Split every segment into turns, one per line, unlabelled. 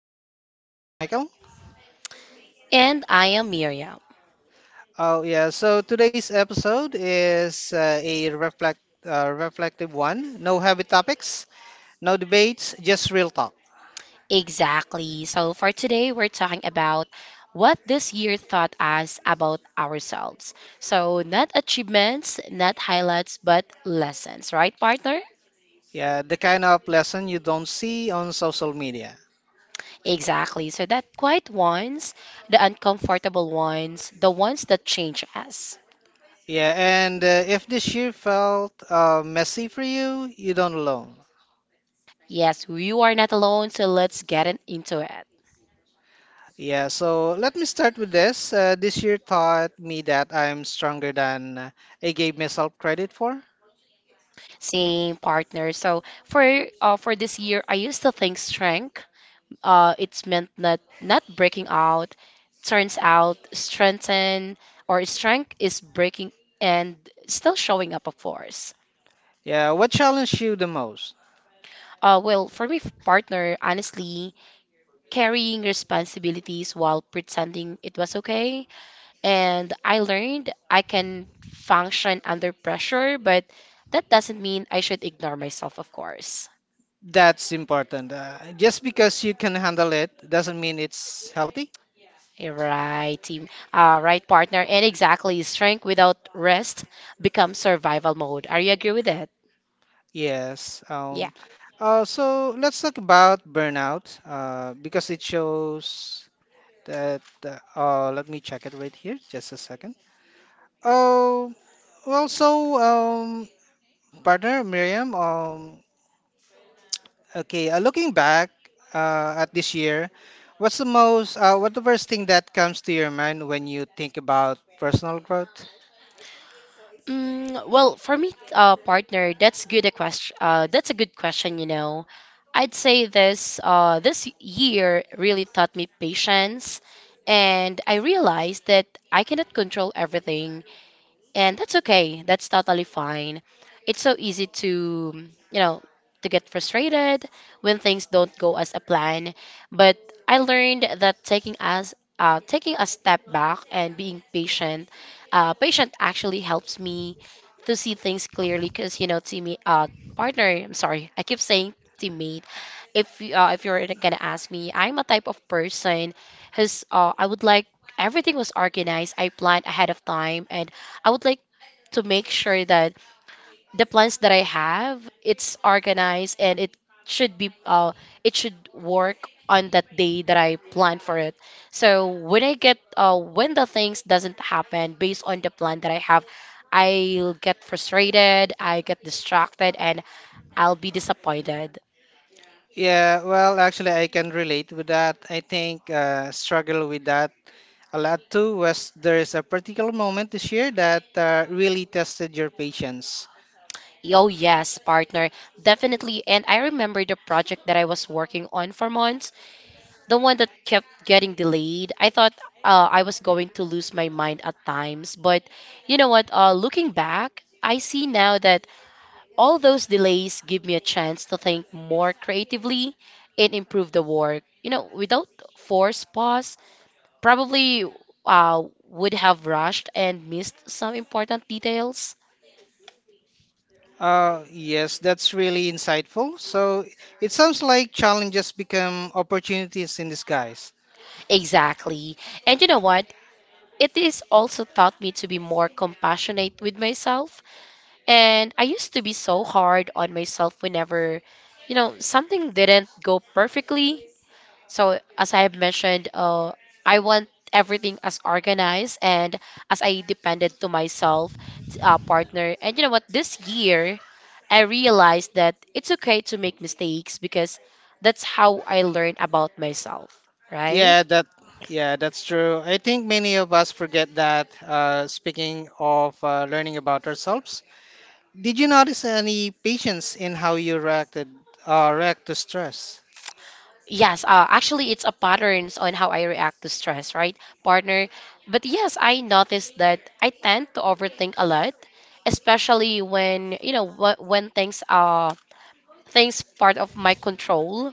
podcast. I am Michael.
And I am Miriam.
Oh yeah, so today's episode is a reflective one. No heavy topics, no debates, just real talk.
Exactly. So for today, we're talking about what this year taught us about ourselves. So, not achievements, not highlights, but lessons, right, partner?
Yeah, the kind of lesson you don't see on social media.
Exactly. So, that quiet ones, the uncomfortable ones, the ones that change us.
Yeah, and if this year felt messy for you, you don't alone.
Yes, you are not alone, so let's get into it.
Yeah, so let me start with this. This year taught me that I'm stronger than I gave myself credit for.
Same partner. So, for this year, I used to think strength it's meant not breaking out. Turns out, strengthen or strength is breaking and still showing up, of course.
Yeah, what challenged you the most?
Well, for me, partner, honestly, carrying responsibilities while pretending it was okay. And I learned I can function under pressure, but that doesn't mean I should ignore myself, of course.
That's important. Just because you can handle it doesn't mean it's healthy.
Right, team. Right, partner. And exactly, strength without rest becomes survival mode. Are you agree with that?
Yes.
Yeah.
So let's talk about burnout because it shows that. Let me check it right here. Just a second. Oh, well, so um, partner Miriam. Okay. Looking back at this year, what's the most? What the first thing that comes to your mind when you think about personal growth?
Mm, well, for me, partner, that's good a question. That's a good question. You know, I'd say this. This year really taught me patience, and I realized that I cannot control everything, and that's okay, that's totally fine. It's so easy to you know to get frustrated when things don't go as a plan. But I learned that taking a step back and being patient, actually helps me to see things clearly, because you know, teammate, partner, I'm sorry I keep saying teammate. If you're gonna ask me, I'm a type of person who's, I would like everything was organized. I planned ahead of time, and I would like to make sure that the plans that I have it's organized, and it should be, it should work on that day that I plan for it. So when I get when the things doesn't happen based on the plan that I have, I'll get frustrated, I get distracted, and I'll be disappointed.
Yeah, well, actually, I can relate with that. I think struggle with that a lot too was there's a particular moment this year that really tested your patience.
Oh, yes, partner. Definitely. And I remember the project that I was working on for months, the one that kept getting delayed. I thought I was going to lose my mind at times. But you know what? Looking back, I see now that all those delays give me a chance to think more creatively and improve the work. You know, without forced pause, probably, uh, would have rushed and missed some important details.
Yes, that's really insightful. So it sounds like challenges become opportunities in disguise.
Exactly. And you know what? It is also taught me to be more compassionate with myself. And I used to be so hard on myself whenever, you know, something didn't go perfectly. So, as I have mentioned, I want everything as organized, and as I depended to myself, partner. And you know what? This year, I realized that it's okay to make mistakes, because that's how I learn about myself, right?
Yeah, that yeah, that's true. I think many of us forget that. Speaking of learning about ourselves, did you notice any patience in how you react to stress?
Yes, actually, it's a patterns on how I react to stress, right, partner? But yes, I noticed that I tend to overthink a lot, especially when you know, when things are things part of my control.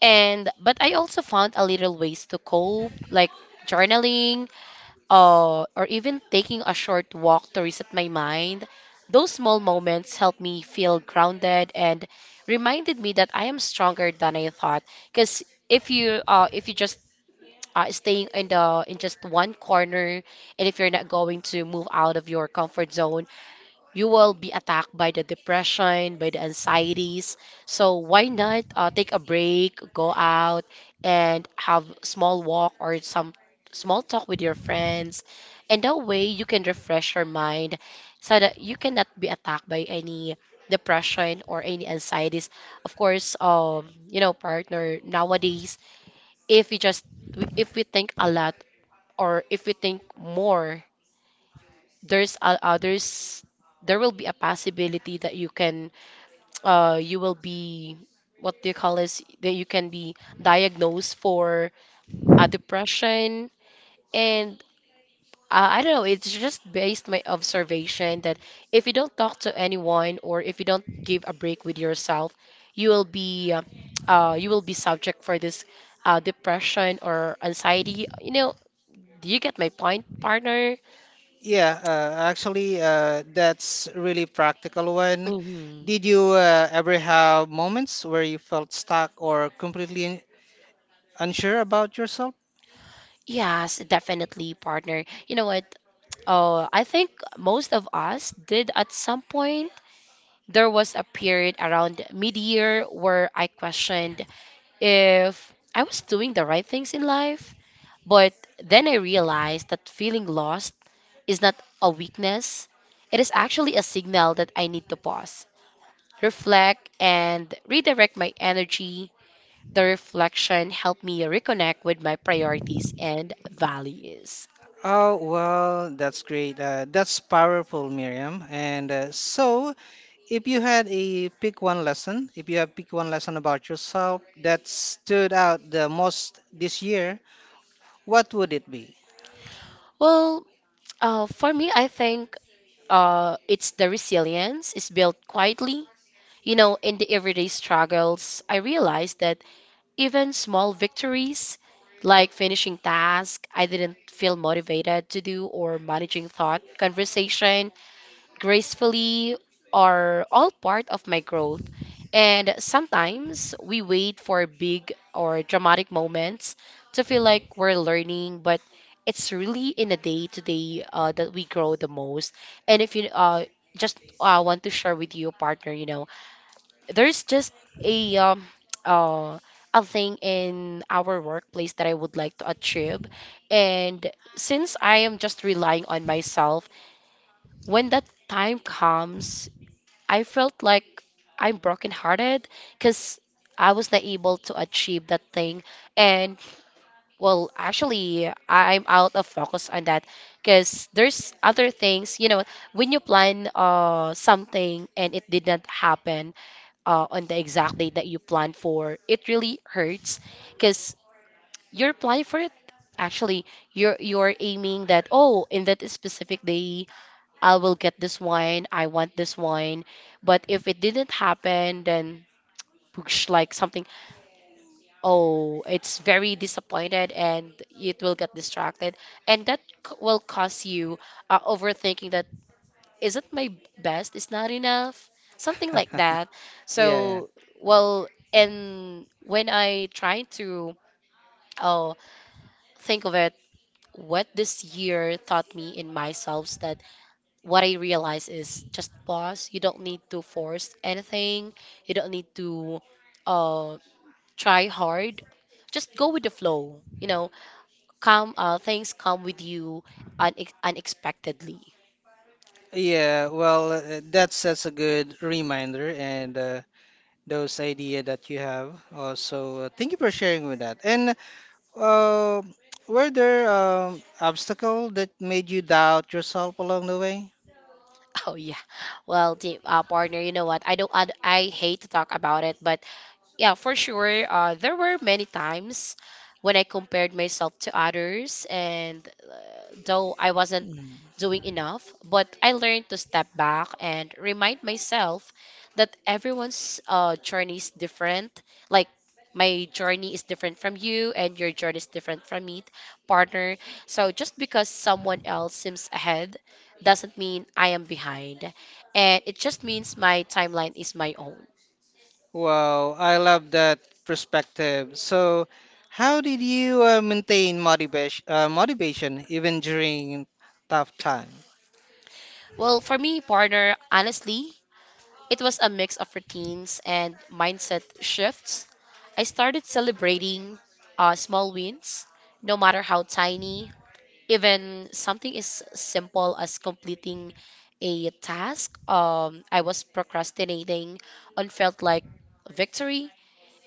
And but I also found a little ways to cope, like journaling, or even taking a short walk to reset my mind. Those small moments helped me feel grounded and reminded me that I am stronger than I thought. Because if you just, staying in just one corner, and if you're not going to move out of your comfort zone, you will be attacked by the depression, by the anxieties. So why not, take a break, go out and have small walk or some small talk with your friends. And that way you can refresh your mind, so that you cannot be attacked by any depression or any anxieties. Of course, you know, partner, nowadays, if we just if we think a lot, or if we think more, there's a others, there will be a possibility that you can, you will be, what do you call this, that you can be diagnosed for a depression. And, I don't know, it's just based my observation that if you don't talk to anyone, or if you don't give a break with yourself, you will be, you will be subject for this, depression or anxiety, you know. Do you get my point, partner?
Yeah, actually, that's really practical one.
Hmm.
Did you ever have moments where you felt stuck or completely unsure about yourself?
Yes, definitely, partner. You know what? Oh, I think most of us did at some point. There was a period around mid-year where I questioned if I was doing the right things in life. But then I realized that feeling lost is not a weakness. It is actually a signal that I need to pause, reflect, and redirect my energy. The reflection helped me reconnect with my priorities and values.
Oh, well, that's great. That's powerful, Miriam. And so, if you had a pick one lesson, if you have pick one lesson about yourself that stood out the most this year, what would it be?
Well, for me, I think, it's the resilience is built quietly. You know, in the everyday struggles, I realized that even small victories, like finishing tasks I didn't feel motivated to do, or managing thought conversation gracefully, are all part of my growth. And sometimes we wait for big or dramatic moments to feel like we're learning, but it's really in a day to day, that we grow the most. And if you, just, want to share with you, partner, you know, there's just a um, uh, a thing in our workplace that I would like to achieve. And since I am just relying on myself, when that time comes, I felt like I'm brokenhearted, because I was not able to achieve that thing. And well, actually, I'm out of focus on that, because there's other things. You know, when you plan something and it didn't happen on the exact date that you planned for, it really hurts, because you're planning for it. Actually, you're aiming that, oh, in that specific day I will get this wine, I want this wine. But if it didn't happen, then push like something, oh, it's very disappointed and it will get distracted. And that, will cause you, overthinking that isn't my best, it's not enough, something like that.
Yeah, yeah.
So, well, and when I try to, oh, think of it, what this year taught me in myself, that what I realize is just pause. You don't need to force anything. You don't need to, uh, try hard. Just go with the flow. You know, come things come with you unexpectedly.
Yeah, well, that's such a good reminder and those idea that you have. Also, thank you for sharing with that. And uh, were there obstacle that made you doubt yourself along the way?
Oh yeah. Well, the, partner, you know what? I don't. I hate to talk about it, but, yeah, for sure. There were many times when I compared myself to others, and, uh, though I wasn't
Mm.
doing enough, but I learned to step back and remind myself that everyone's, journey is different. Like, my journey is different from you, and your journey is different from me, partner. So, just because someone else seems ahead doesn't mean I am behind, and it just means my timeline is my own.
Wow, I love that perspective. So, how did you maintain motivation even during tough time?
Well, for me, partner, honestly, it was a mix of routines and mindset shifts. I started celebrating, small wins, no matter how tiny. Even something as simple as completing a task, I was procrastinating on, felt like victory.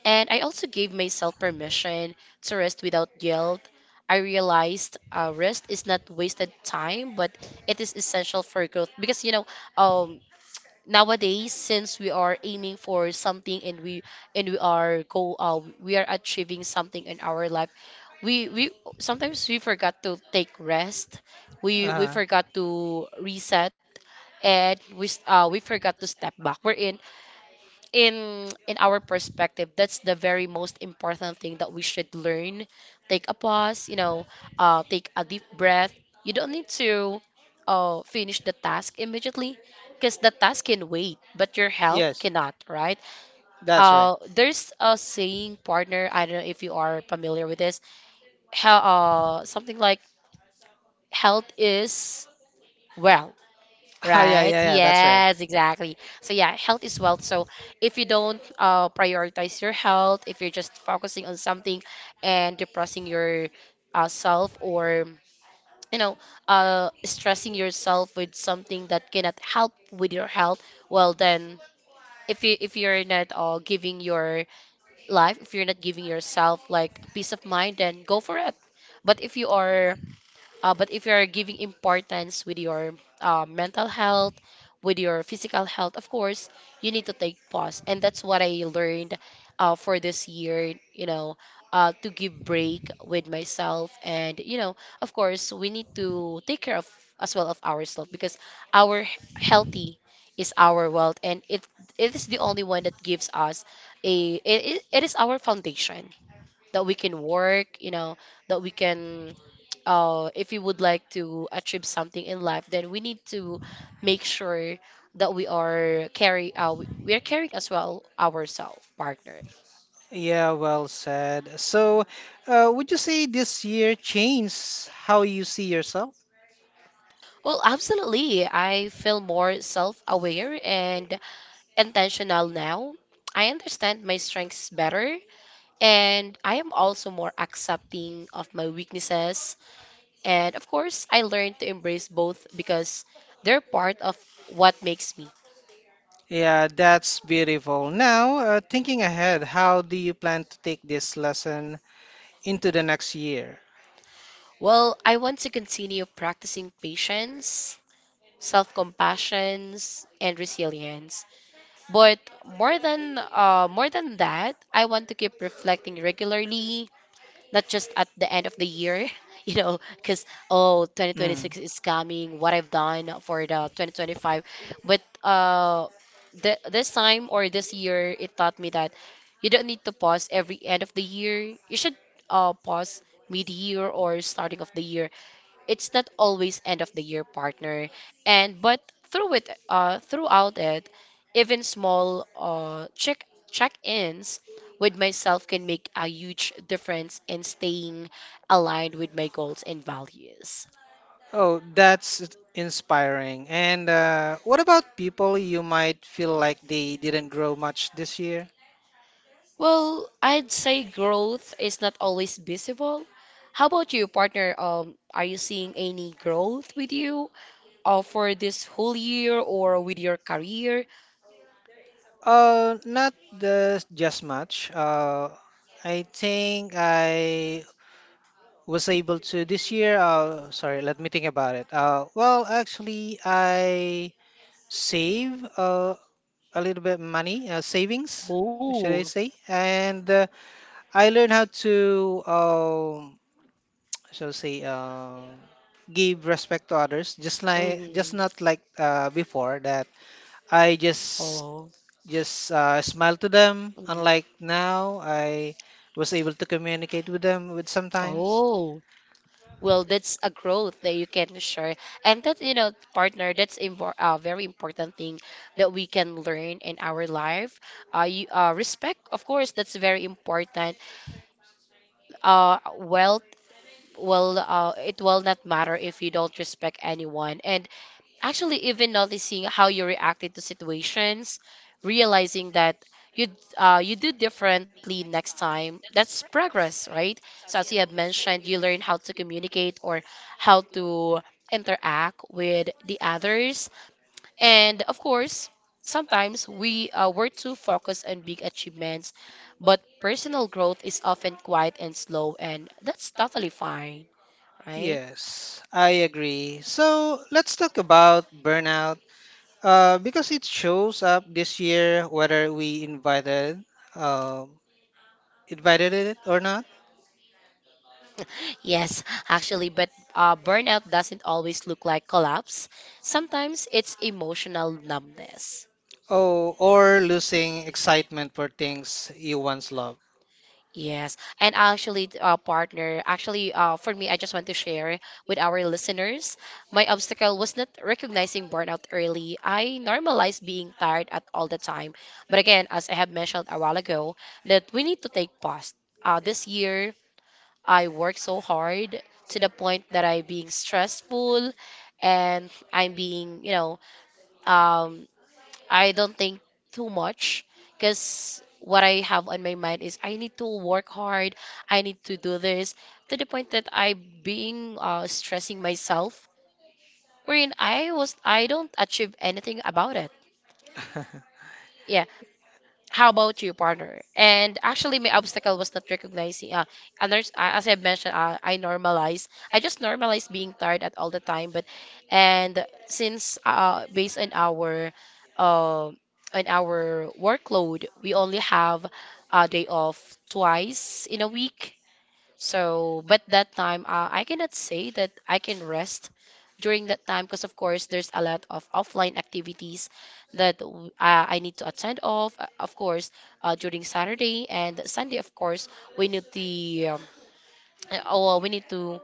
And I also gave myself permission to rest without guilt. I realized, rest is not wasted time, but it is essential for growth. Because you know, um, nowadays, since we are aiming for something and we, and we are go we are achieving something in our life, we sometimes we forgot to take rest. We
Uh-huh.
forgot to reset, and we forgot to step back. Wherein in our perspective, that's the very most important thing that we should learn. Take a pause, you know, take a deep breath. You don't need to, finish the task immediately, because the task can wait, but your health
Yes,
cannot, right?
that's right.
There's a saying, partner, I don't know if you are familiar with this. How, something like, health is, well.
Oh, yeah,
Right?
yeah, yeah, that's right.
Yes, exactly. So yeah, health is wealth. So if you don't, prioritize your health, if you're just focusing on something and depressing your, self, or you know, stressing yourself with something that cannot help with your health, well then, if you're not, giving your life, if you're not giving yourself like peace of mind, then go for it. But if you are but if you are giving importance with your, mental health, with your physical health, of course, you need to take pause. And that's what I learned, for this year, you know, to give break with myself. And, of course, we need to take care of as well of ourselves because our healthy is our wealth, and it is the only one that gives us a it, it it is our foundation that we can work, you know, that we can if we would like to achieve something in life. Then we need to make sure that we are caring as well ourselves, partner.
Yeah, well said. So, would you say this year changed how you see yourself?
Well, absolutely. I feel more self-aware and intentional now. I understand my strengths better, and I am also more accepting of my weaknesses. And of course, I learned to embrace both because they're part of what makes me.
Yeah, that's beautiful. Now, thinking ahead, how do you plan to take this lesson into the next year?
Well, I want to continue practicing patience, self compassion, and resilience. But more than that, I want to keep reflecting regularly, not just at the end of the year, because oh, twenty twenty
Mm.
six is coming, what I've done for the 2025. But this time or this year, it taught me that you don't need to pause every end of the year. You should pause mid year or starting of the year. It's not always end of the year, partner. And but throughout it, even small check-ins with myself can make a huge difference in staying aligned with my goals and values.
Oh, that's inspiring. And what about people you might feel like they didn't grow much this year?
Well, I'd say growth is not always visible. How about you, partner? Are you seeing any growth with you for this whole year or with your career?
Not the just much. I think I was able to this year. Sorry, let me think about it. Well, actually, I save a little bit money, savings, should
Oh.
I say? And I learned how to, shall I say, give respect to others,
Mm-hmm.
just not like before that I just
Oh.
just uh, smile to them.
Mhm.
Unlike now, I was able to communicate with them with sometimes.
Oh. Well, that's a growth that you can share. And that, partner, that's impor a very important thing that we can learn in our life. Respect, of course, that's very important. Wealth, well, it will not matter if you don't respect anyone. And actually, even noticing how you reacted to situations, realizing that you you do differently next time, that's progress, right? So as you have mentioned, you learn how to communicate, or how to interact with the others, and of course. Sometimes we were too focused on big achievements, but personal growth is often quiet and slow, and that's totally fine, right?
Yes, I agree. So let's talk about burnout because it shows up this year whether we um, invited it or not.
Yes, actually, but burnout doesn't always look like collapse. Sometimes it's emotional numbness.
Oh, or losing excitement for things you once loved.
Yes, and actually, partner, actually, for me, I just want to share with our listeners. My obstacle was not recognizing burnout early. I normalized being tired at all the time. But again, as I have mentioned a while ago, that we need to take pause. This year, I worked so hard to the point that I'm being stressful, and I'm being, you know, um I don't think too much, because what I have on my mind is I need to work hard, I need to do this, to the point that I being stressing myself, wherein I don't achieve anything about it. Yeah. How about you, partner? And actually, my obstacle was not recognizing. As I mentioned, I normalized. I just normalized being tired at all the time. But and since based uh, on our workload, we only have a day off twice in a week. So, but that time, I cannot say that I can rest during that time, because of course, there's a lot of offline activities that I need to attend of. Of course, during Saturday and Sunday, of course, we need the um, oh, we need to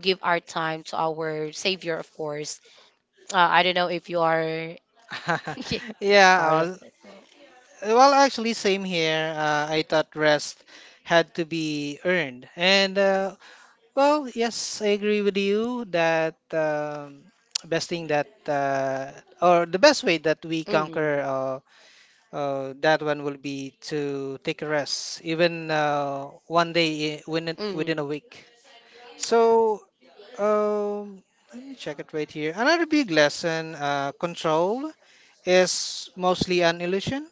give our time to our Savior, of course. I don't know if you are. Pardon.
Yeah. Well, actually, same here. I thought rest had to be earned. And, well, yes, I agree with you that best thing that, or the best way that we
Hmm.
conquer that one will be to take a rest, even one day within
Hmm.
a week. So, um, let me check it right here. Another big lesson, control is mostly an illusion.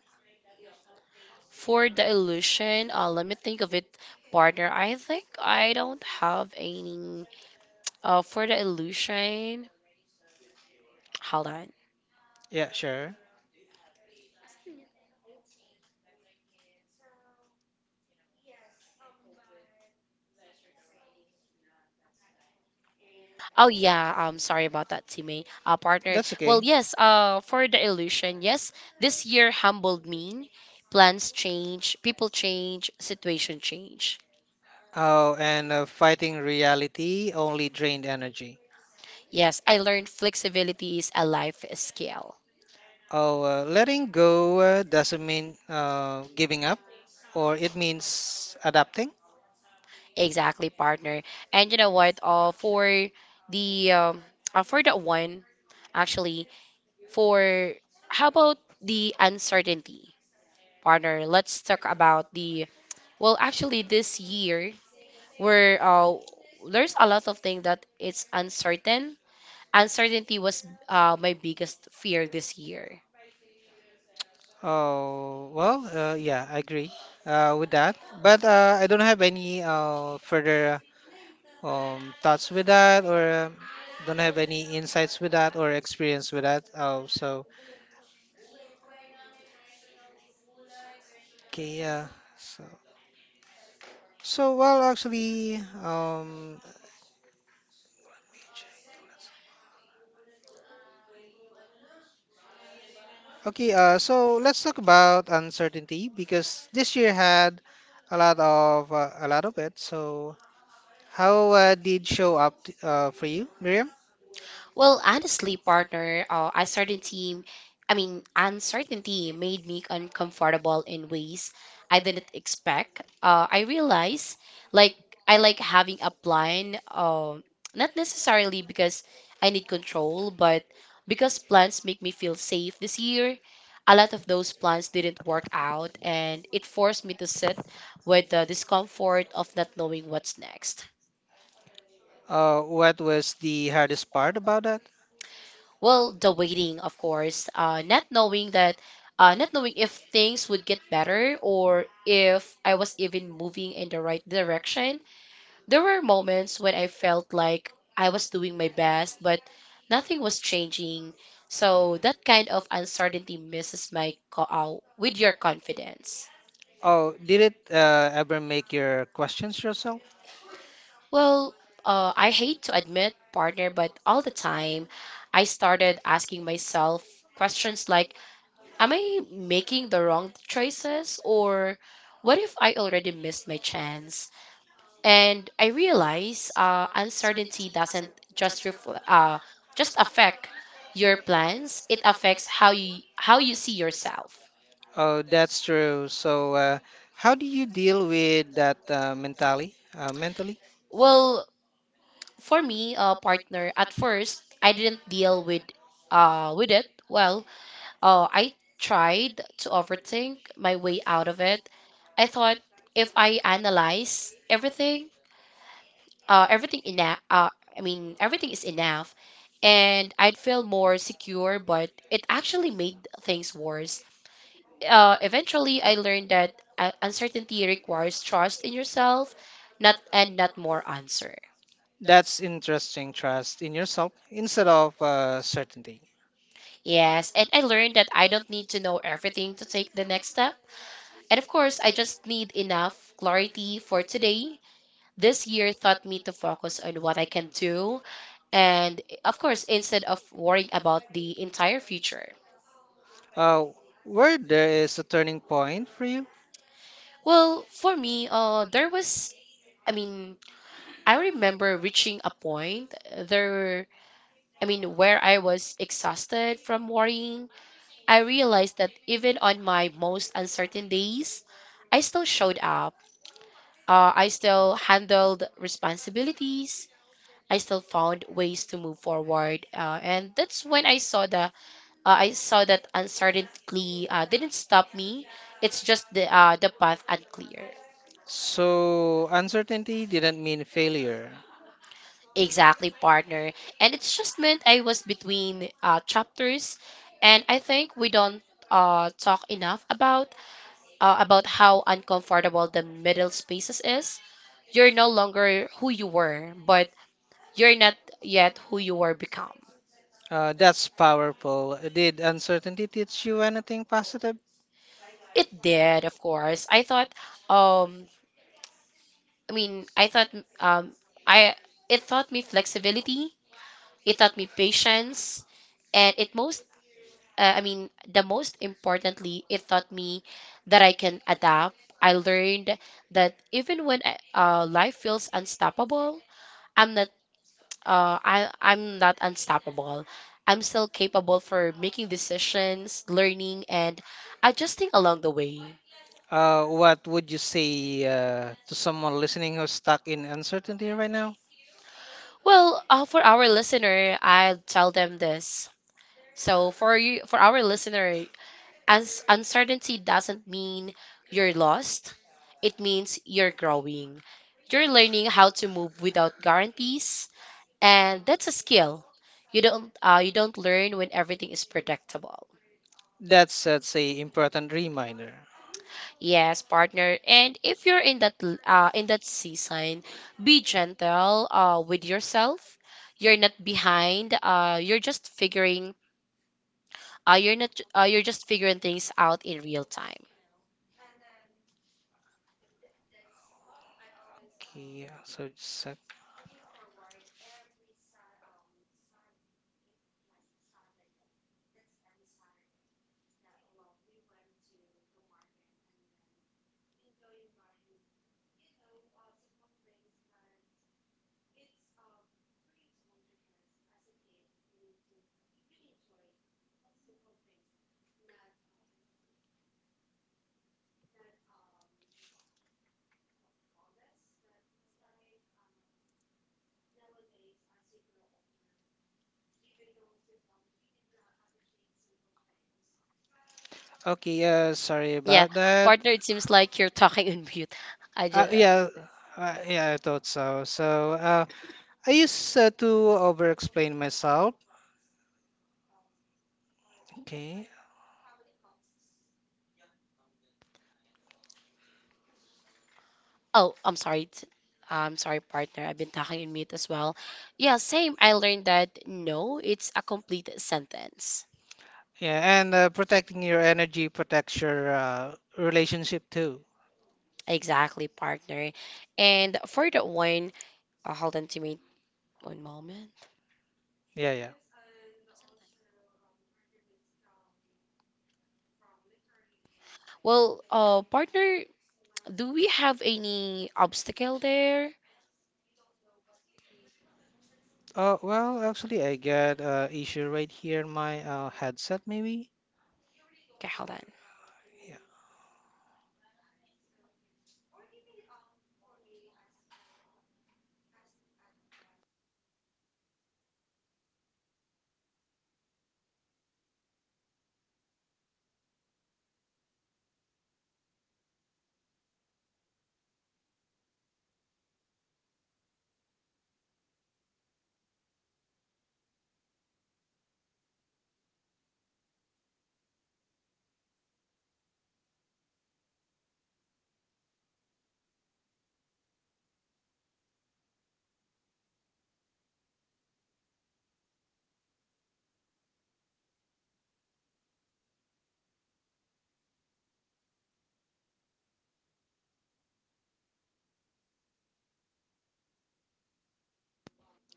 For the illusion, let me think of it, partner. I think I don't have any. For the illusion, hold on.
Yeah, sure.
Oh yeah, I'm sorry about that, teammate.
That's
Partner, well,
partnership okay.
yes. For the illusion, yes. This year humbled me. Plans change, people change, situation change.
Oh, and fighting reality only drained energy.
Yes, I learned flexibility is a life skill.
Oh, letting go doesn't mean giving up, or it means adapting.
Exactly, partner. And you know what? For the for that one, actually. For How about the uncertainty, partner? Let's talk about the well, actually, this year where there's a lot of things that it's uncertain. Uncertainty was my biggest fear this year.
Oh, well, yeah, I agree with that. But I don't have any further thoughts with that, or don't have any insights with that, or experience with that. Oh, so okay, yeah. So. So, well, actually, um, okay, so let's talk about uncertainty because this year had a lot of it. So, how did show up for you, Miriam?
Well, honestly, partner, I mean, uncertainty made me uncomfortable in ways I didn't expect. I realize, like, I like having a plan, not necessarily because I need control, but because plans make me feel safe. This year, a lot of those plans didn't work out, and it forced me to sit with the discomfort of not knowing what's next.
What was the hardest part about that?
Well, the waiting, of course, not knowing if things would get better, or if I was even moving in the right direction. There were moments when I felt like I was doing my best, but nothing was changing. So that kind of uncertainty messes with your confidence.
Oh, did it ever make your questions yourself?
Well, I hate to admit, partner, but all the time I started asking myself questions like, am I making the wrong choices, or what if I already missed my chance? And I realize, uncertainty doesn't just just affect your plans, it affects how you see yourself.
Oh, that's true. So, how do you deal with that mentally? Mentally,
Well, for me, partner, at first I didn't deal with it. Well, I tried to overthink my way out of it. I thought if I analyze everything enough. I mean, everything is enough, and I'd feel more secure. But it actually made things worse. Eventually, I learned that, uncertainty requires trust in yourself, not more answer.
that's interesting. Trust in yourself instead of certainty.
Yes, and I learned that I don't need to know everything to take the next step. And of course, I just need enough clarity for today. This year taught me to focus on what I can do, and of course, instead of worrying about the entire future.
Uh, where there is a turning point for you?
Well, for me, I mean, I remember reaching a point I mean, where I was exhausted from worrying. I realized that even on my most uncertain days, I still showed up. I still handled responsibilities. I still found ways to move forward. And that's when I saw that uncertainty didn't stop me. It's just the path unclear.
So, uncertainty didn't mean failure.
Exactly, partner. And it's just meant I was between chapters, and I think we don't talk enough about how uncomfortable the middle spaces is. You're no longer who you were, but you're not yet who you were become.
That's powerful. Did uncertainty teach you anything positive?
It did, of course. Um, I mean, I thought, um, I it taught me flexibility. It taught me patience, and it most I mean, the most importantly, it taught me that I can adapt. I learned that even when life feels unstoppable, I'm not I'm not unstoppable. I'm still capable for making decisions, learning, and adjusting along the way.
What would you say to someone listening who's stuck in uncertainty right now?
Well, for our listener, I'll tell them this. So for our listener, as uncertainty doesn't mean you're lost. It means you're growing. You're learning how to move without guarantees, and that's a skill. You don't learn when everything is predictable.
That's, say, important reminder.
Yes, partner. And if you're in that season, be gentle with yourself. You're not behind. You're just figuring. You're not. You're just figuring things out in real time.
Okay, so just sec. Okay, sorry
Yeah,
about that.
partner. It seems like you're talking in mute. I just.
Yeah, yeah, I thought so. So, I used to over-explain myself. Okay.
Oh, I'm sorry. I'm sorry, partner. I've been talking in mute as well. Yeah, same. I learned that no, it's a complete sentence.
Yeah, and protecting your energy protects your relationship too.
Exactly, partner. And for that one, hold on to me one moment.
Yeah, yeah.
Well, partner, do we have any obstacle there?
Oh, well, actually, I got issue right here in my headset, maybe.
Okay, hold on.
Yeah.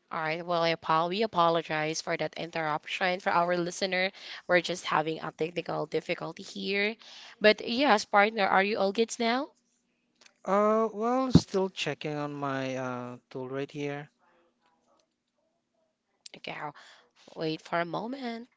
All right. Well, we apologize for that interruption for our listener. We're just having a technical difficulty here. But yes, partner, are you all good now?
Well, still checking on my tool right here.
Okay, all wait for a moment.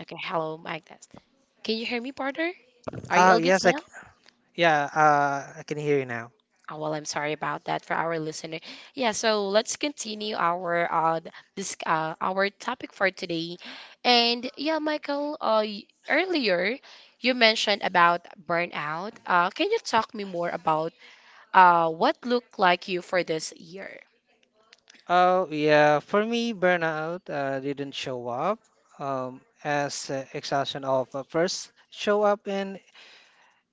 Okay, hello, mic test. Can you hear me, partner? Are you
Ah,
all good
yes, I c
now?
yeah, I can hear you now.
Oh, well, I'm sorry about that for our listener. Yeah, so let's continue our topic for today. And yeah, Michael, earlier you mentioned about burnout. Can you talk me more about what looked like you for this year?
Oh, yeah, for me, burnout didn't show up as exhaustion of first show up in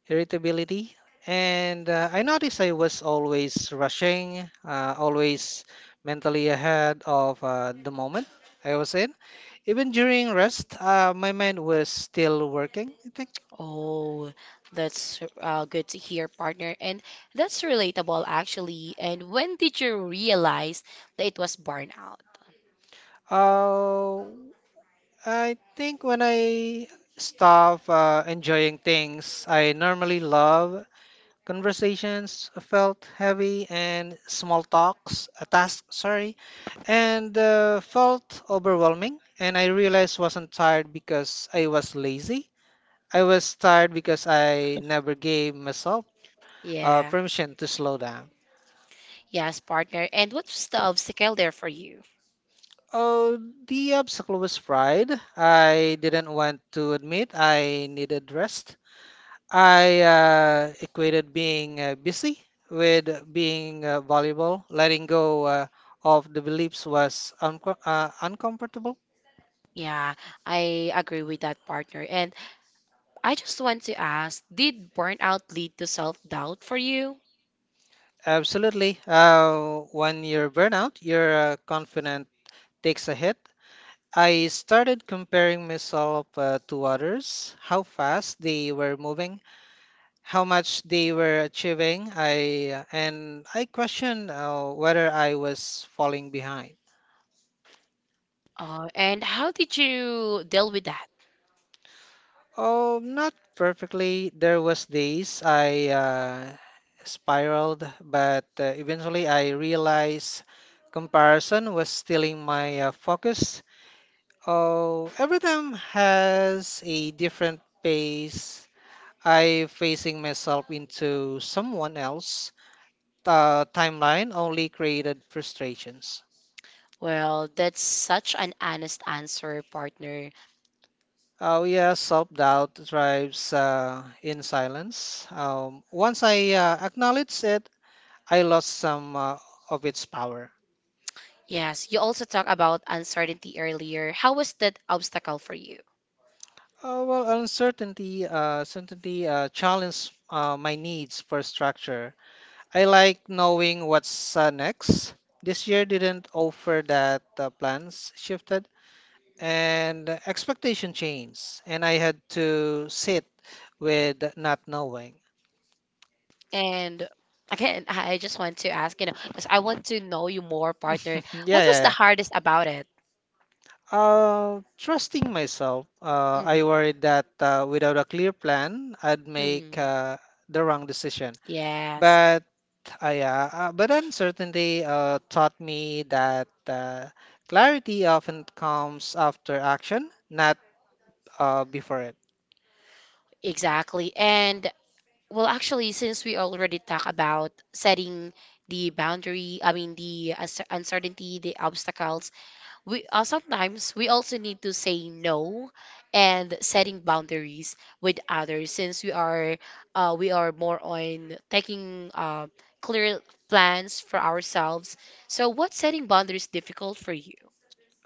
irritability. And I noticed I was always rushing, always mentally ahead of the moment I was in. Even during rest, my mind was still working, I think.
Oh, that's good to hear, partner. And that's relatable, actually. And when did you realize that it was burnout?
Uh, I think when I stop enjoying things I normally love, conversations felt heavy and small talks, a task, sorry, and felt overwhelming. And I realized wasn't tired because I was lazy. I was tired because I never gave myself
Yeah.
permission to slow down.
Yes, partner. And what's the obstacle there for you?
Oh, the obstacle was pride. I didn't want to admit I needed rest. I equated being busy with being valuable. Letting go of the beliefs was uncomfortable.
Yeah, I agree with that, partner. And I just want to ask, did burnout lead to self-doubt for you?
Absolutely. When you're burnout, your confidence takes a hit. I started comparing myself to others, how fast they were moving, how much they were achieving. I and I questioned whether I was falling behind.
And how did you deal with that?
Oh, not perfectly. There was days I spiraled, but eventually I realized comparison was stealing my focus. Oh, every time has a different pace. I facing myself into someone else. The timeline only created frustrations.
Well, that's such an honest answer, partner.
Oh yeah, self-doubt thrives in silence. Once I acknowledge it, I lost some of its power.
Yes, you also talk about uncertainty earlier. How was that obstacle for you?
Well, certainty challenged my needs for structure. I like knowing what's next. This year didn't offer that plans shifted and expectation changed, and I had to sit with not knowing.
And again, I just want to ask, because I want to know you more, partner.
Yeah, yeah,
What was the
yeah.
hardest about it?
Trusting myself,
Hmm.
I worried that without a clear plan, I'd make
Hmm.
the wrong decision.
Yes,
But but uncertainty taught me that clarity often comes after action, not before it.
exactly. And well, actually, since we already talked about setting the boundary, I mean, the uncertainty, the obstacles, we sometimes we also need to say no and setting boundaries with others since we are more on taking clear plans for ourselves. So what setting boundaries difficult for you?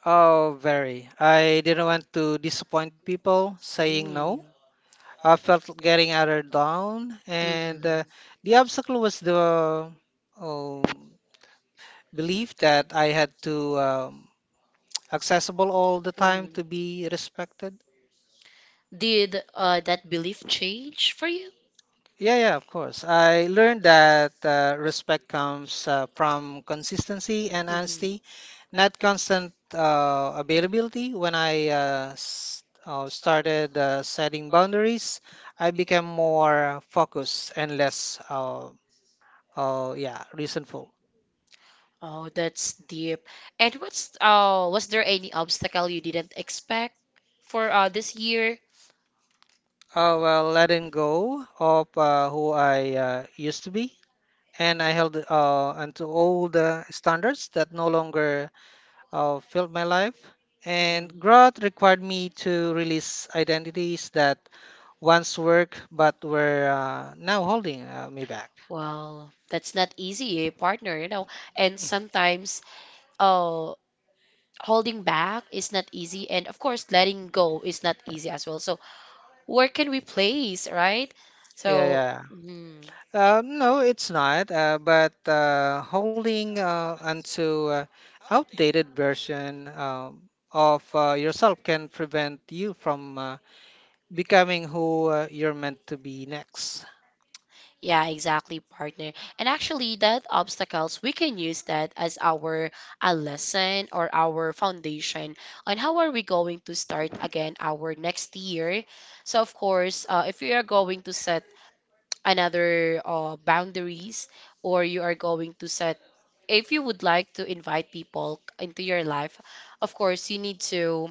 Oh, very. I didn't want to disappoint people saying no.
Mm-hmm.
I felt getting other down, and
hmm
the obstacle was the oh, belief that I had to accessible all the time
hmm
to be respected.
did that belief change for you?
Yeah, yeah, of course. I learned that respect comes from consistency and
hmm
honesty, not constant availability. When I started setting boundaries, I became more focused and less, yeah, resentful.
Oh, that's deep. And what's was there any obstacle you didn't expect for this year?
Well, letting go of who I used to be and I held onto all the standards that no longer filled my life.
And hmm
And growth required me to release identities that once worked but were now holding me back.
Well, that's not easy, eh, partner, you know. And sometimes uh holding back is not easy, and of course letting go is not easy as well. So where can we place, right?
Yeah,
So
yeah.
mm,
No, it's not. But holding onto outdated version of yourself can prevent you from becoming who you're meant to be next.
yeah, exactly, partner. And actually that obstacles we can use that as our a lesson or our foundation on how are we going to start again our next year. So of course, if we are going to set another boundaries, or you are going to set, if you would like to invite people into your life, of course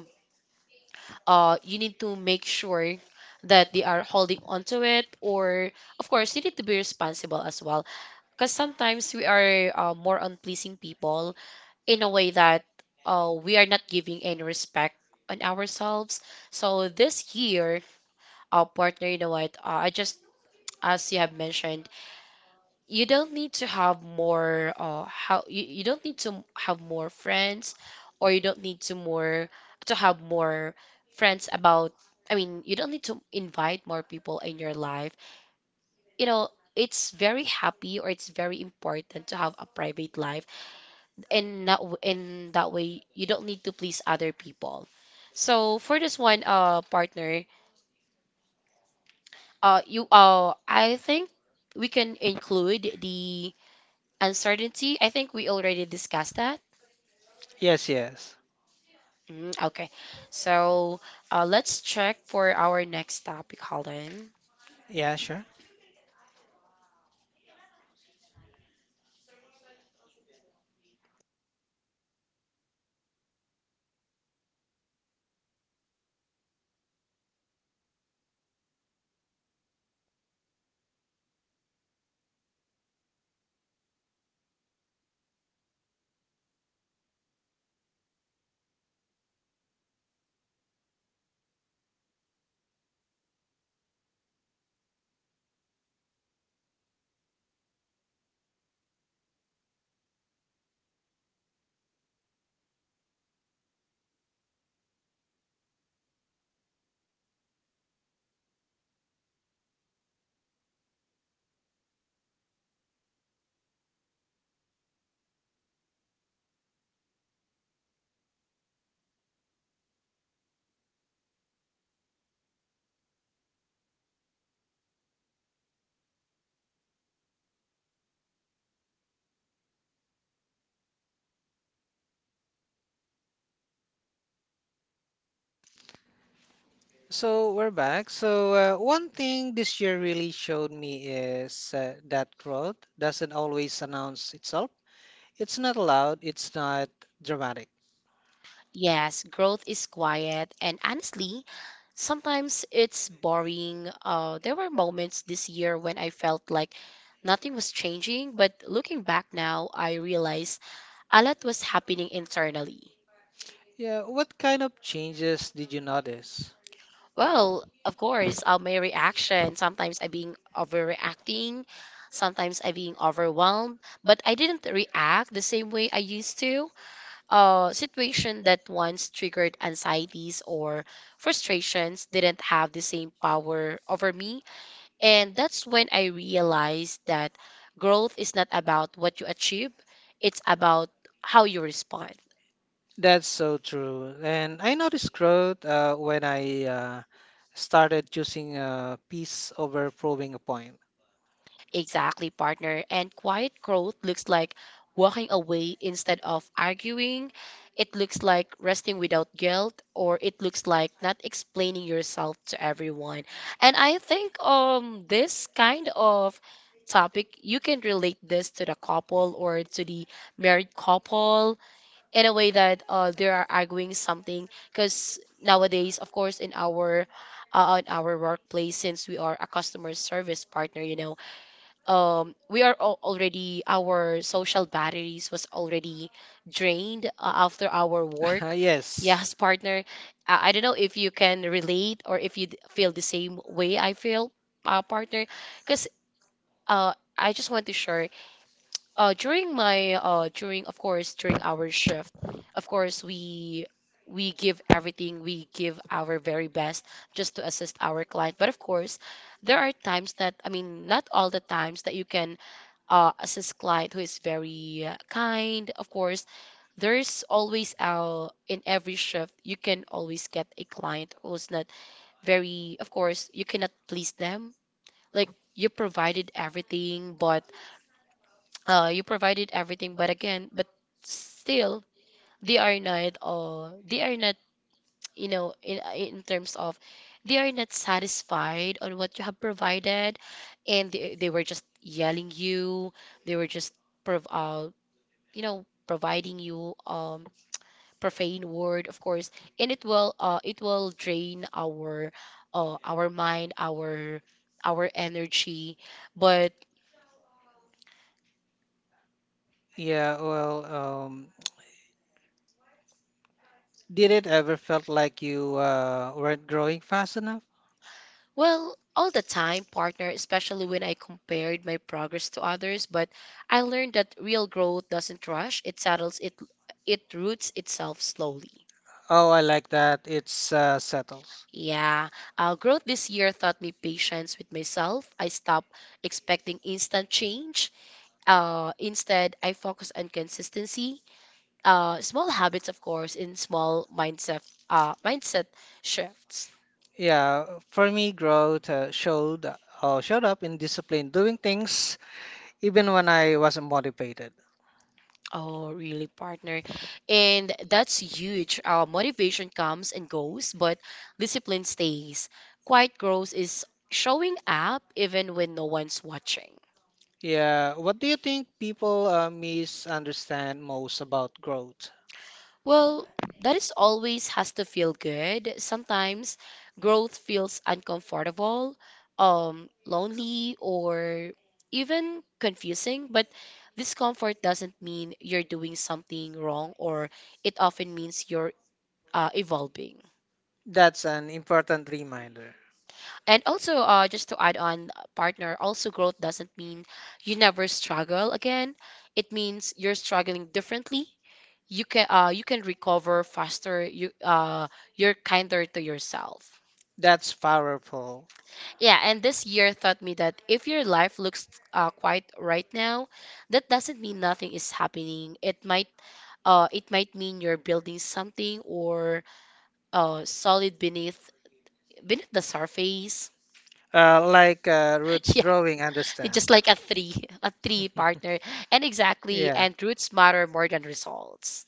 you need to make sure that they are holding on to it, or of course you need to be responsible as well, because sometimes we are more on pleasing people in a way that we are not giving any respect on ourselves. So this year, our partner, you know what, I just, as you have mentioned, you don't need to have more you don't need to have more friends, or you don't need to more to have more friends about, I mean, you don't need to invite more people in your life, you know. It's very happy, or it's very important to have a private life, and not w- in that way you don't need to please other people. So for this one, uh, partner, you I think we can include the Uncertainty, I think we already discussed that.
Yes, yes.
Mm, okay. So let's check for our next topic. Hold on.
Yeah, sure. So we're back. So one thing this year really showed me is that growth doesn't always announce itself. It's not loud, it's not dramatic.
Yes, growth is quiet. And honestly, sometimes it's boring. There were moments this year when I felt like nothing was changing, but looking back now, I realized a lot was happening internally.
Yeah, what kind of changes did you notice?
Well, of course, my reaction. Sometimes I being overreacting. Sometimes I being overwhelmed. But I didn't react the same way I used to. Situation that once triggered anxieties or frustrations didn't have the same power over me. And that's when I realized that growth is not about what you achieve. It's about how you respond.
That's so true. And I noticed growth when I started choosing a piece over proving a point.
Exactly, partner. And quiet growth looks like walking away instead of arguing. It looks like resting without guilt, or it looks like not explaining yourself to everyone. And I think this kind of topic you can relate this to the couple or to the married couple in a way that they are arguing something, because nowadays of course in our workplace, since we are a customer service partner, you know, we are already our social batteries was already drained after our work.
Yes.
Yes, partner. I don't know if you can relate, or if you feel the same way I feel, partner, because uh I just want to share, during of course during our shift, of course we give everything, we give our very best just to assist our client, but of course there are times that, I mean, not all the times that you can as his client who is very kind. Of course, there's always in every shift you can always get a client who's not very. Of course, you cannot please them. Like you provided everything, but again, but still they are not. They are not. You know, in terms of, they are not satisfied on what you have provided, and they were just yelling you. They were just prov- uh, you know, providing you profane word, of course, and it will drain our mind, our energy, but
Yeah, well, did it ever felt like you weren't growing fast enough?
well, all the time, partner, especially when I compared my progress to others, but I learned that real growth doesn't rush, it settles, it roots itself slowly.
Oh, I like that. It's settles.
Yeah, growth this year taught me patience with myself. I stopped expecting instant change. Instead, I focus on consistency, small habits, of course, in small mindset shifts.
Yeah, for me, growth showed up in discipline, doing things even when I wasn't motivated.
Oh, really, partner. And that's huge. Motivation comes and goes, but discipline stays. Quiet growth is showing up even when no one's watching.
Yeah, what do you think people misunderstand most about growth?
Well, that is always has to feel good. Sometimes growth feels uncomfortable, lonely, or even confusing, but discomfort doesn't mean you're doing something wrong, or it often means you're evolving.
That's an important reminder.
And also, just to add on, partner, also growth doesn't mean you never struggle again. It means you're struggling differently. You can recover faster. You're kinder to yourself.
That's powerful.
Yeah, and this year taught me that if your life looks quiet right now, that doesn't mean nothing is happening. It might mean you're building something, or solid beneath the surface.
Like roots growing, understand.
Just like a three, a three, partner. And exactly,
Yeah.
and roots matter more than results.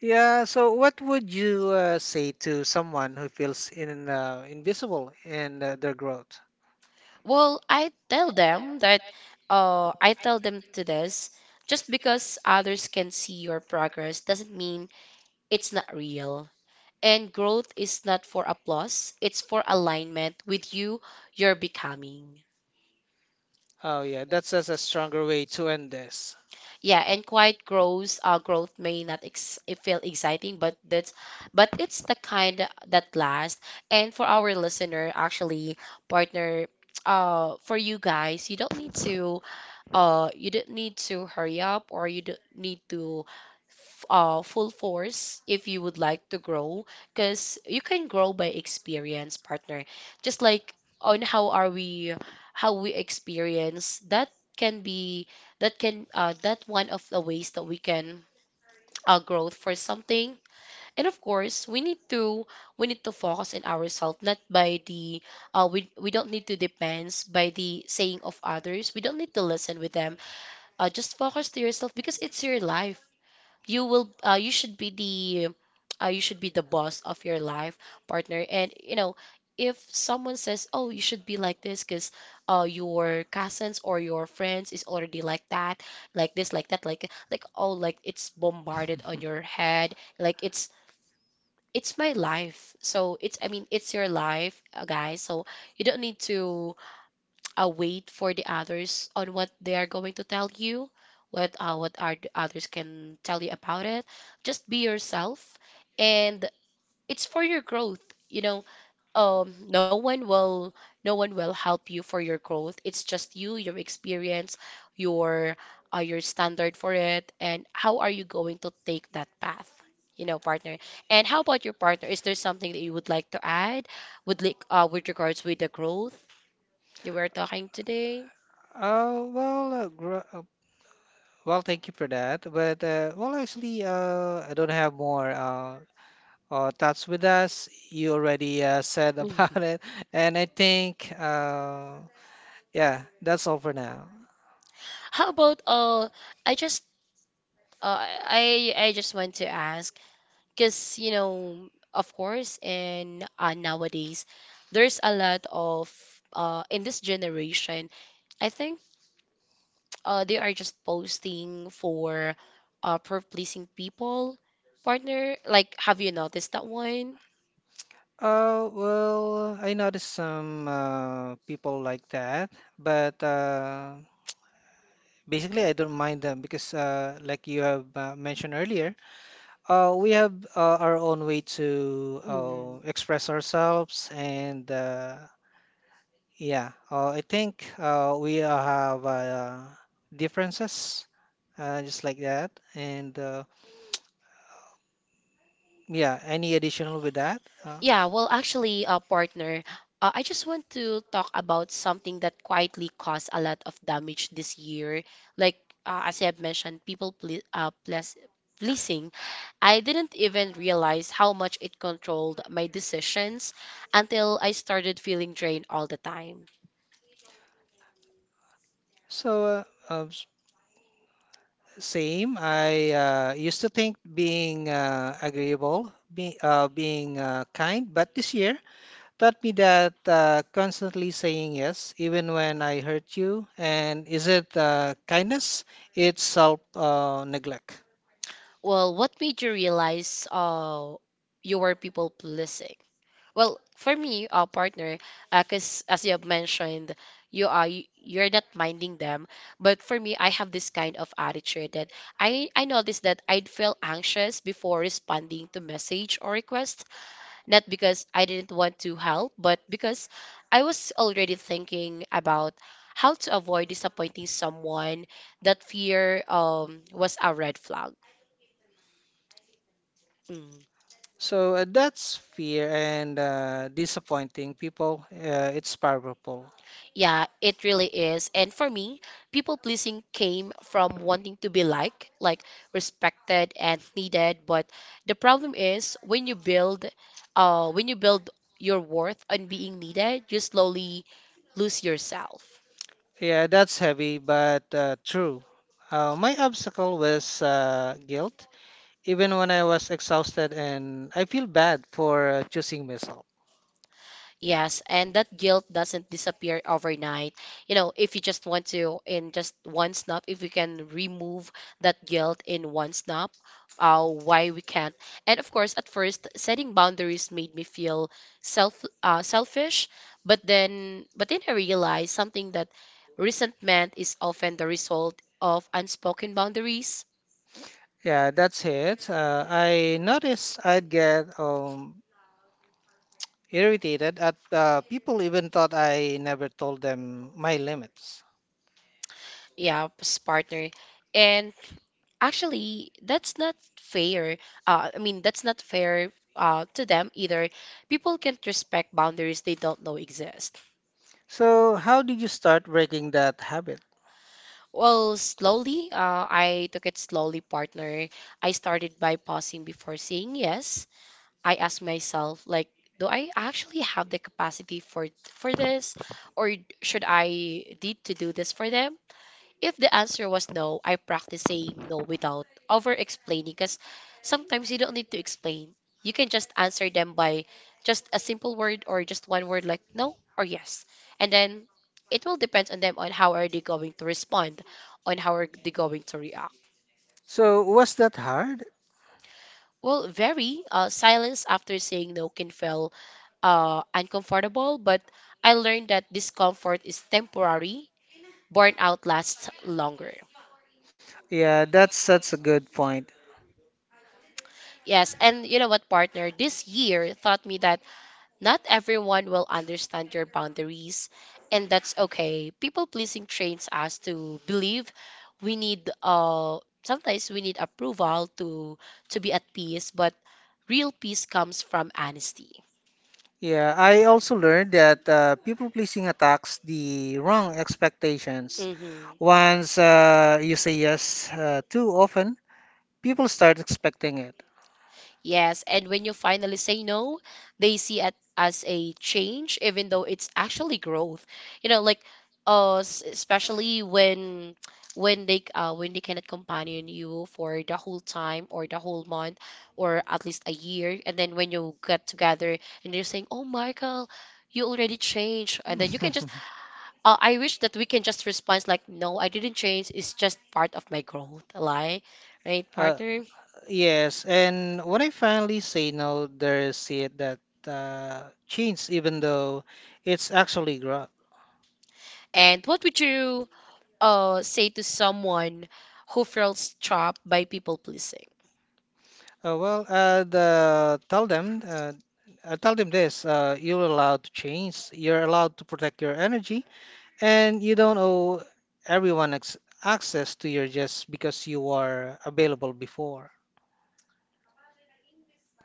Yeah, so what would you say to someone who feels in invisible in their growth?
Well, I tell them that I tell them to this, just because others can see your progress doesn't mean it's not real. And growth is not for applause, it's for alignment with you you're becoming.
Oh yeah, that's just a stronger way to end this.
Yeah, and quiet growth may not ex- it feel exciting, but that's but it's the kind that lasts. And for our listener, actually, partner, for you guys, you don't need to you don't need to hurry up, or you don't need to full force, if you would like to grow, because you can grow by experience, partner, just like on how are we how we experience that can be, that one of the ways that we can growth for something. And of course, we need to focus on ourselves, not by the we don't need to depends by the saying of others, we don't need to listen with them. Uh, just focus to yourself because it's your life. You should be the you should be the boss of your life, partner, and you know, if someone says, oh, you should be like this, because your cousins or your friends is already like that, like this like that like, oh, like it's bombarded on your head, like it's my life, so it's, I mean, it's your life, guys, so you don't need to wait for the others on what they are going to tell you, what are the others can tell you about it. Just be yourself, and it's for your growth. You know, um, no one will no one will help you for your growth. It's just you, your experience, your your standard for it, and how are you going to take that path? You know, partner. And how about your partner? Is there something that you would like to add with like with regards with the growth you were talking today?
Oh well, well, thank you for that. But well, actually, I don't have more thoughts with us. You already said
Mhm.
about it, and I think yeah, that's all for now.
How about uh, I just I just want to ask, because you know, of course, in nowadays there's a lot of uh, in this generation, I think uh, they are just posting for uh, for pleasing people, partner, like, have you noticed that one?
Oh well, I noticed some people like that, but basically, I don't mind them because, like you have mentioned earlier. We have our own way to
Mm.
express ourselves, and yeah, I think we have differences, just like that. And yeah, any additional with that?
Yeah, well, actually, partner, I just want to talk about something that quietly caused a lot of damage this year. Like, as I have mentioned, people pleasing. I didn't even realize how much it controlled my decisions until I started feeling drained all the time.
So uh, s- same. I used to think being agreeable, being kind, but this year. Taught me that constantly saying yes, even when I hurt you, and is it kindness? It's self neglect.
Well, what made you realize you were people pleasing? Well, for me, partner, because as you have mentioned, you're not minding them. But for me, I have this kind of attitude that I noticed that I'd feel anxious before responding to message or request, not because I didn't want to help, but because I was already thinking about how to avoid disappointing someone. That fear was a red flag. Mm.
So that's fear and disappointing people. It's powerful.
Yeah, it really is. And for me, people pleasing came from wanting to be liked, like respected and needed. But the problem is when you build your worth on being needed, you slowly lose yourself.
Yeah, that's heavy, but true. My obstacle was guilt, even when I was exhausted, and I feel bad for choosing myself.
Yes, and that guilt doesn't disappear overnight. You know, if you just want to, in just one snap, if we can remove that guilt in one snap, why we can't? And of course, at first, setting boundaries made me feel selfish. But then I realized something, that resentment is often the result of unspoken boundaries.
Yeah, that's it. I noticed I'd get irritated at people even thought I never told them my limits.
Yeah, partner, and actually that's not fair, I mean that's not fair to them either. People can't respect boundaries they don't know exist.
So, how did you start breaking that habit?
Well, slowly, I took it slowly, partner. I started by pausing before saying yes. I asked myself, like, do I actually have the capacity for this, or should I need to do this for them? If the answer was no, I practice saying no without over explaining, because sometimes you don't need to explain. You can just answer them by just a simple word or just one word, like no or yes. And then it will depend on them on how are they going to respond, on how are they going to react.
So, was that hard?
Well, very silence after saying no can feel uncomfortable, but I learned that discomfort is temporary. Burnout lasts longer.
Yeah, that's such a good point.
Yes, and you know what, partner? This year taught me that not everyone will understand your boundaries, and that's okay. People pleasing trains us to believe we need sometimes we need approval to be at peace, but real peace comes from honesty.
Yeah, I also learned that people pleasing attacks the wrong expectations.
Hmm.
Once you say yes too often, people start expecting it.
Yes, and when you finally say no, they see it as a change, even though it's actually growth. You know, like, especially when they cannot companion you for the whole time or the whole month or at least a year, and then when you get together and they're saying, "Oh, Michael, you already changed," and then you can just I wish that we can just respond like, "No, I didn't change. It's just part of my growth." Lie, right,
Uh,
partner?
yes, and when I finally say no, there's it that changed, even though it's actually growth.
And what would you say to someone who feels trapped by people pleasing?
Well, I tell them this: you're allowed to change. You're allowed to protect your energy, and you don't owe everyone ex access to your just because you are available before.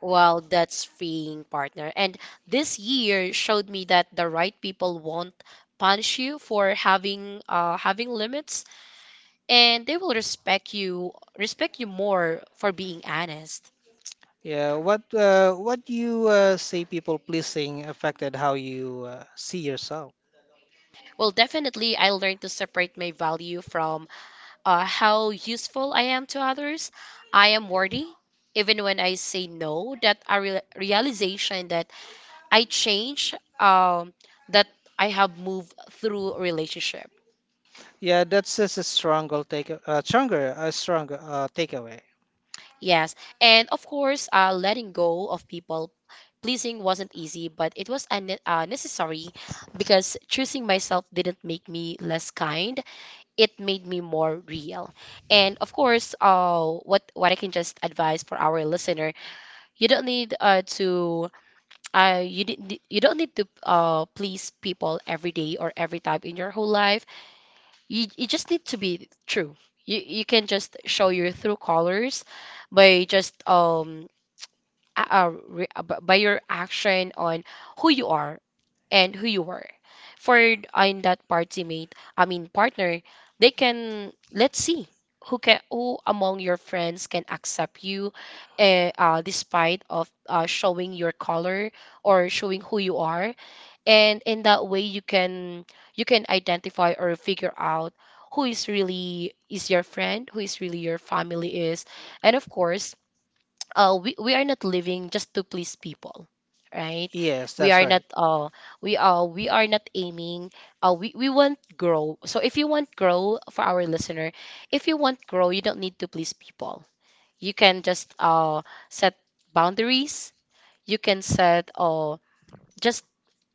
Well, that's freeing, partner. And this year showed me that the right people won't punish you for having limits, and they will respect you more for being honest.
Yeah, what you say people pleasing affected how you see yourself.
Well, definitely, I learned to separate my value from how useful I am to others. I am worthy, even when I say no. That a real realization that I change, um that I have moved through relationship.
Yeah, that's just a stronger take, stronger, a stronger takeaway.
Yes. And of course, letting go of people pleasing wasn't easy, but it was necessary, because choosing myself didn't make me less kind. It made me more real. And of course, what I can just advise for our listener, you don't need to you didn't you don't need to please people every day or every time in your whole life. You just need to be true. You can just show your true colors by just by your action on who you are and who you were. For in that party mate, I mean partner, they can let's see who can who among your friends can accept you, despite of showing your color or showing who you are, and in that way you can identify or figure out who is really is your friend, who is really your family is. And of course, we are not living just to please people, right?
Yes,
We
that's
are not
right.
we are we are not aiming, we want grow. So if you want grow, for our listener, if you want grow, you don't need to please people. You can just set boundaries. You can set just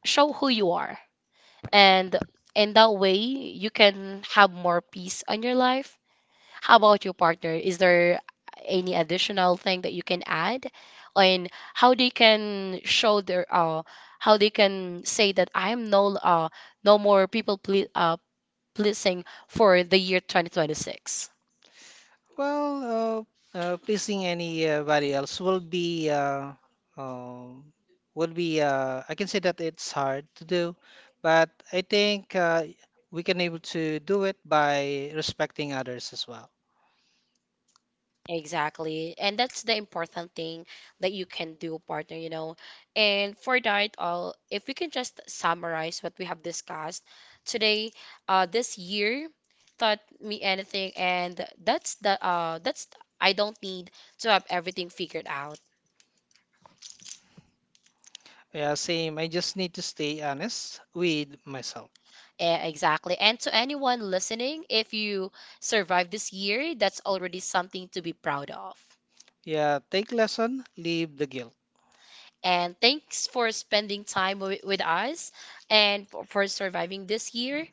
show who you are, and in that way you can have more peace on your life. How about your partner, is there any additional thing that you can add on how they can show their how they can say that I am no no more, pleasing for the year 2026?
Not. Well, pleasing anybody else um, will be. I can say that it's hard to do, but I think we can able to do it by respecting others as well.
Exactly. And that's the important thing that you can do, partner, you know. And for that, if we can just summarize what we have discussed today, this year taught me anything, and that's I don't need to have everything figured out.
Yeah, same. I just need to stay honest with myself.
Eh, exactly. And to anyone listening, if you survive this year, that's already something to be proud of.
Yeah, take lesson, leave the guilt.
And thanks for spending time with us and for surviving this year.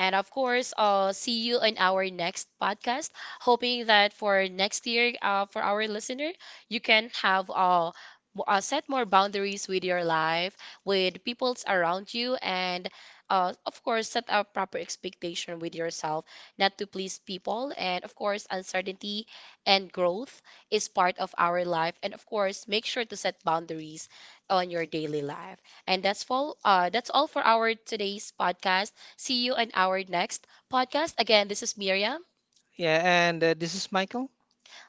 And of course, see you in our next podcast. Hoping that for next year, for our listener, you can have set more boundaries with your life, with peoples around you, and of course, set a proper expectation with yourself, not to please people. And of course, uncertainty and growth is part of our life. And of course, make sure to set boundaries on your daily life. And that's all. That's all for our today's podcast. See you in our next podcast. Again, this is Miriam.
Yeah, and this is Michael.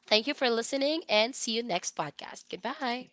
Thank you for listening and see you next podcast. Goodbye.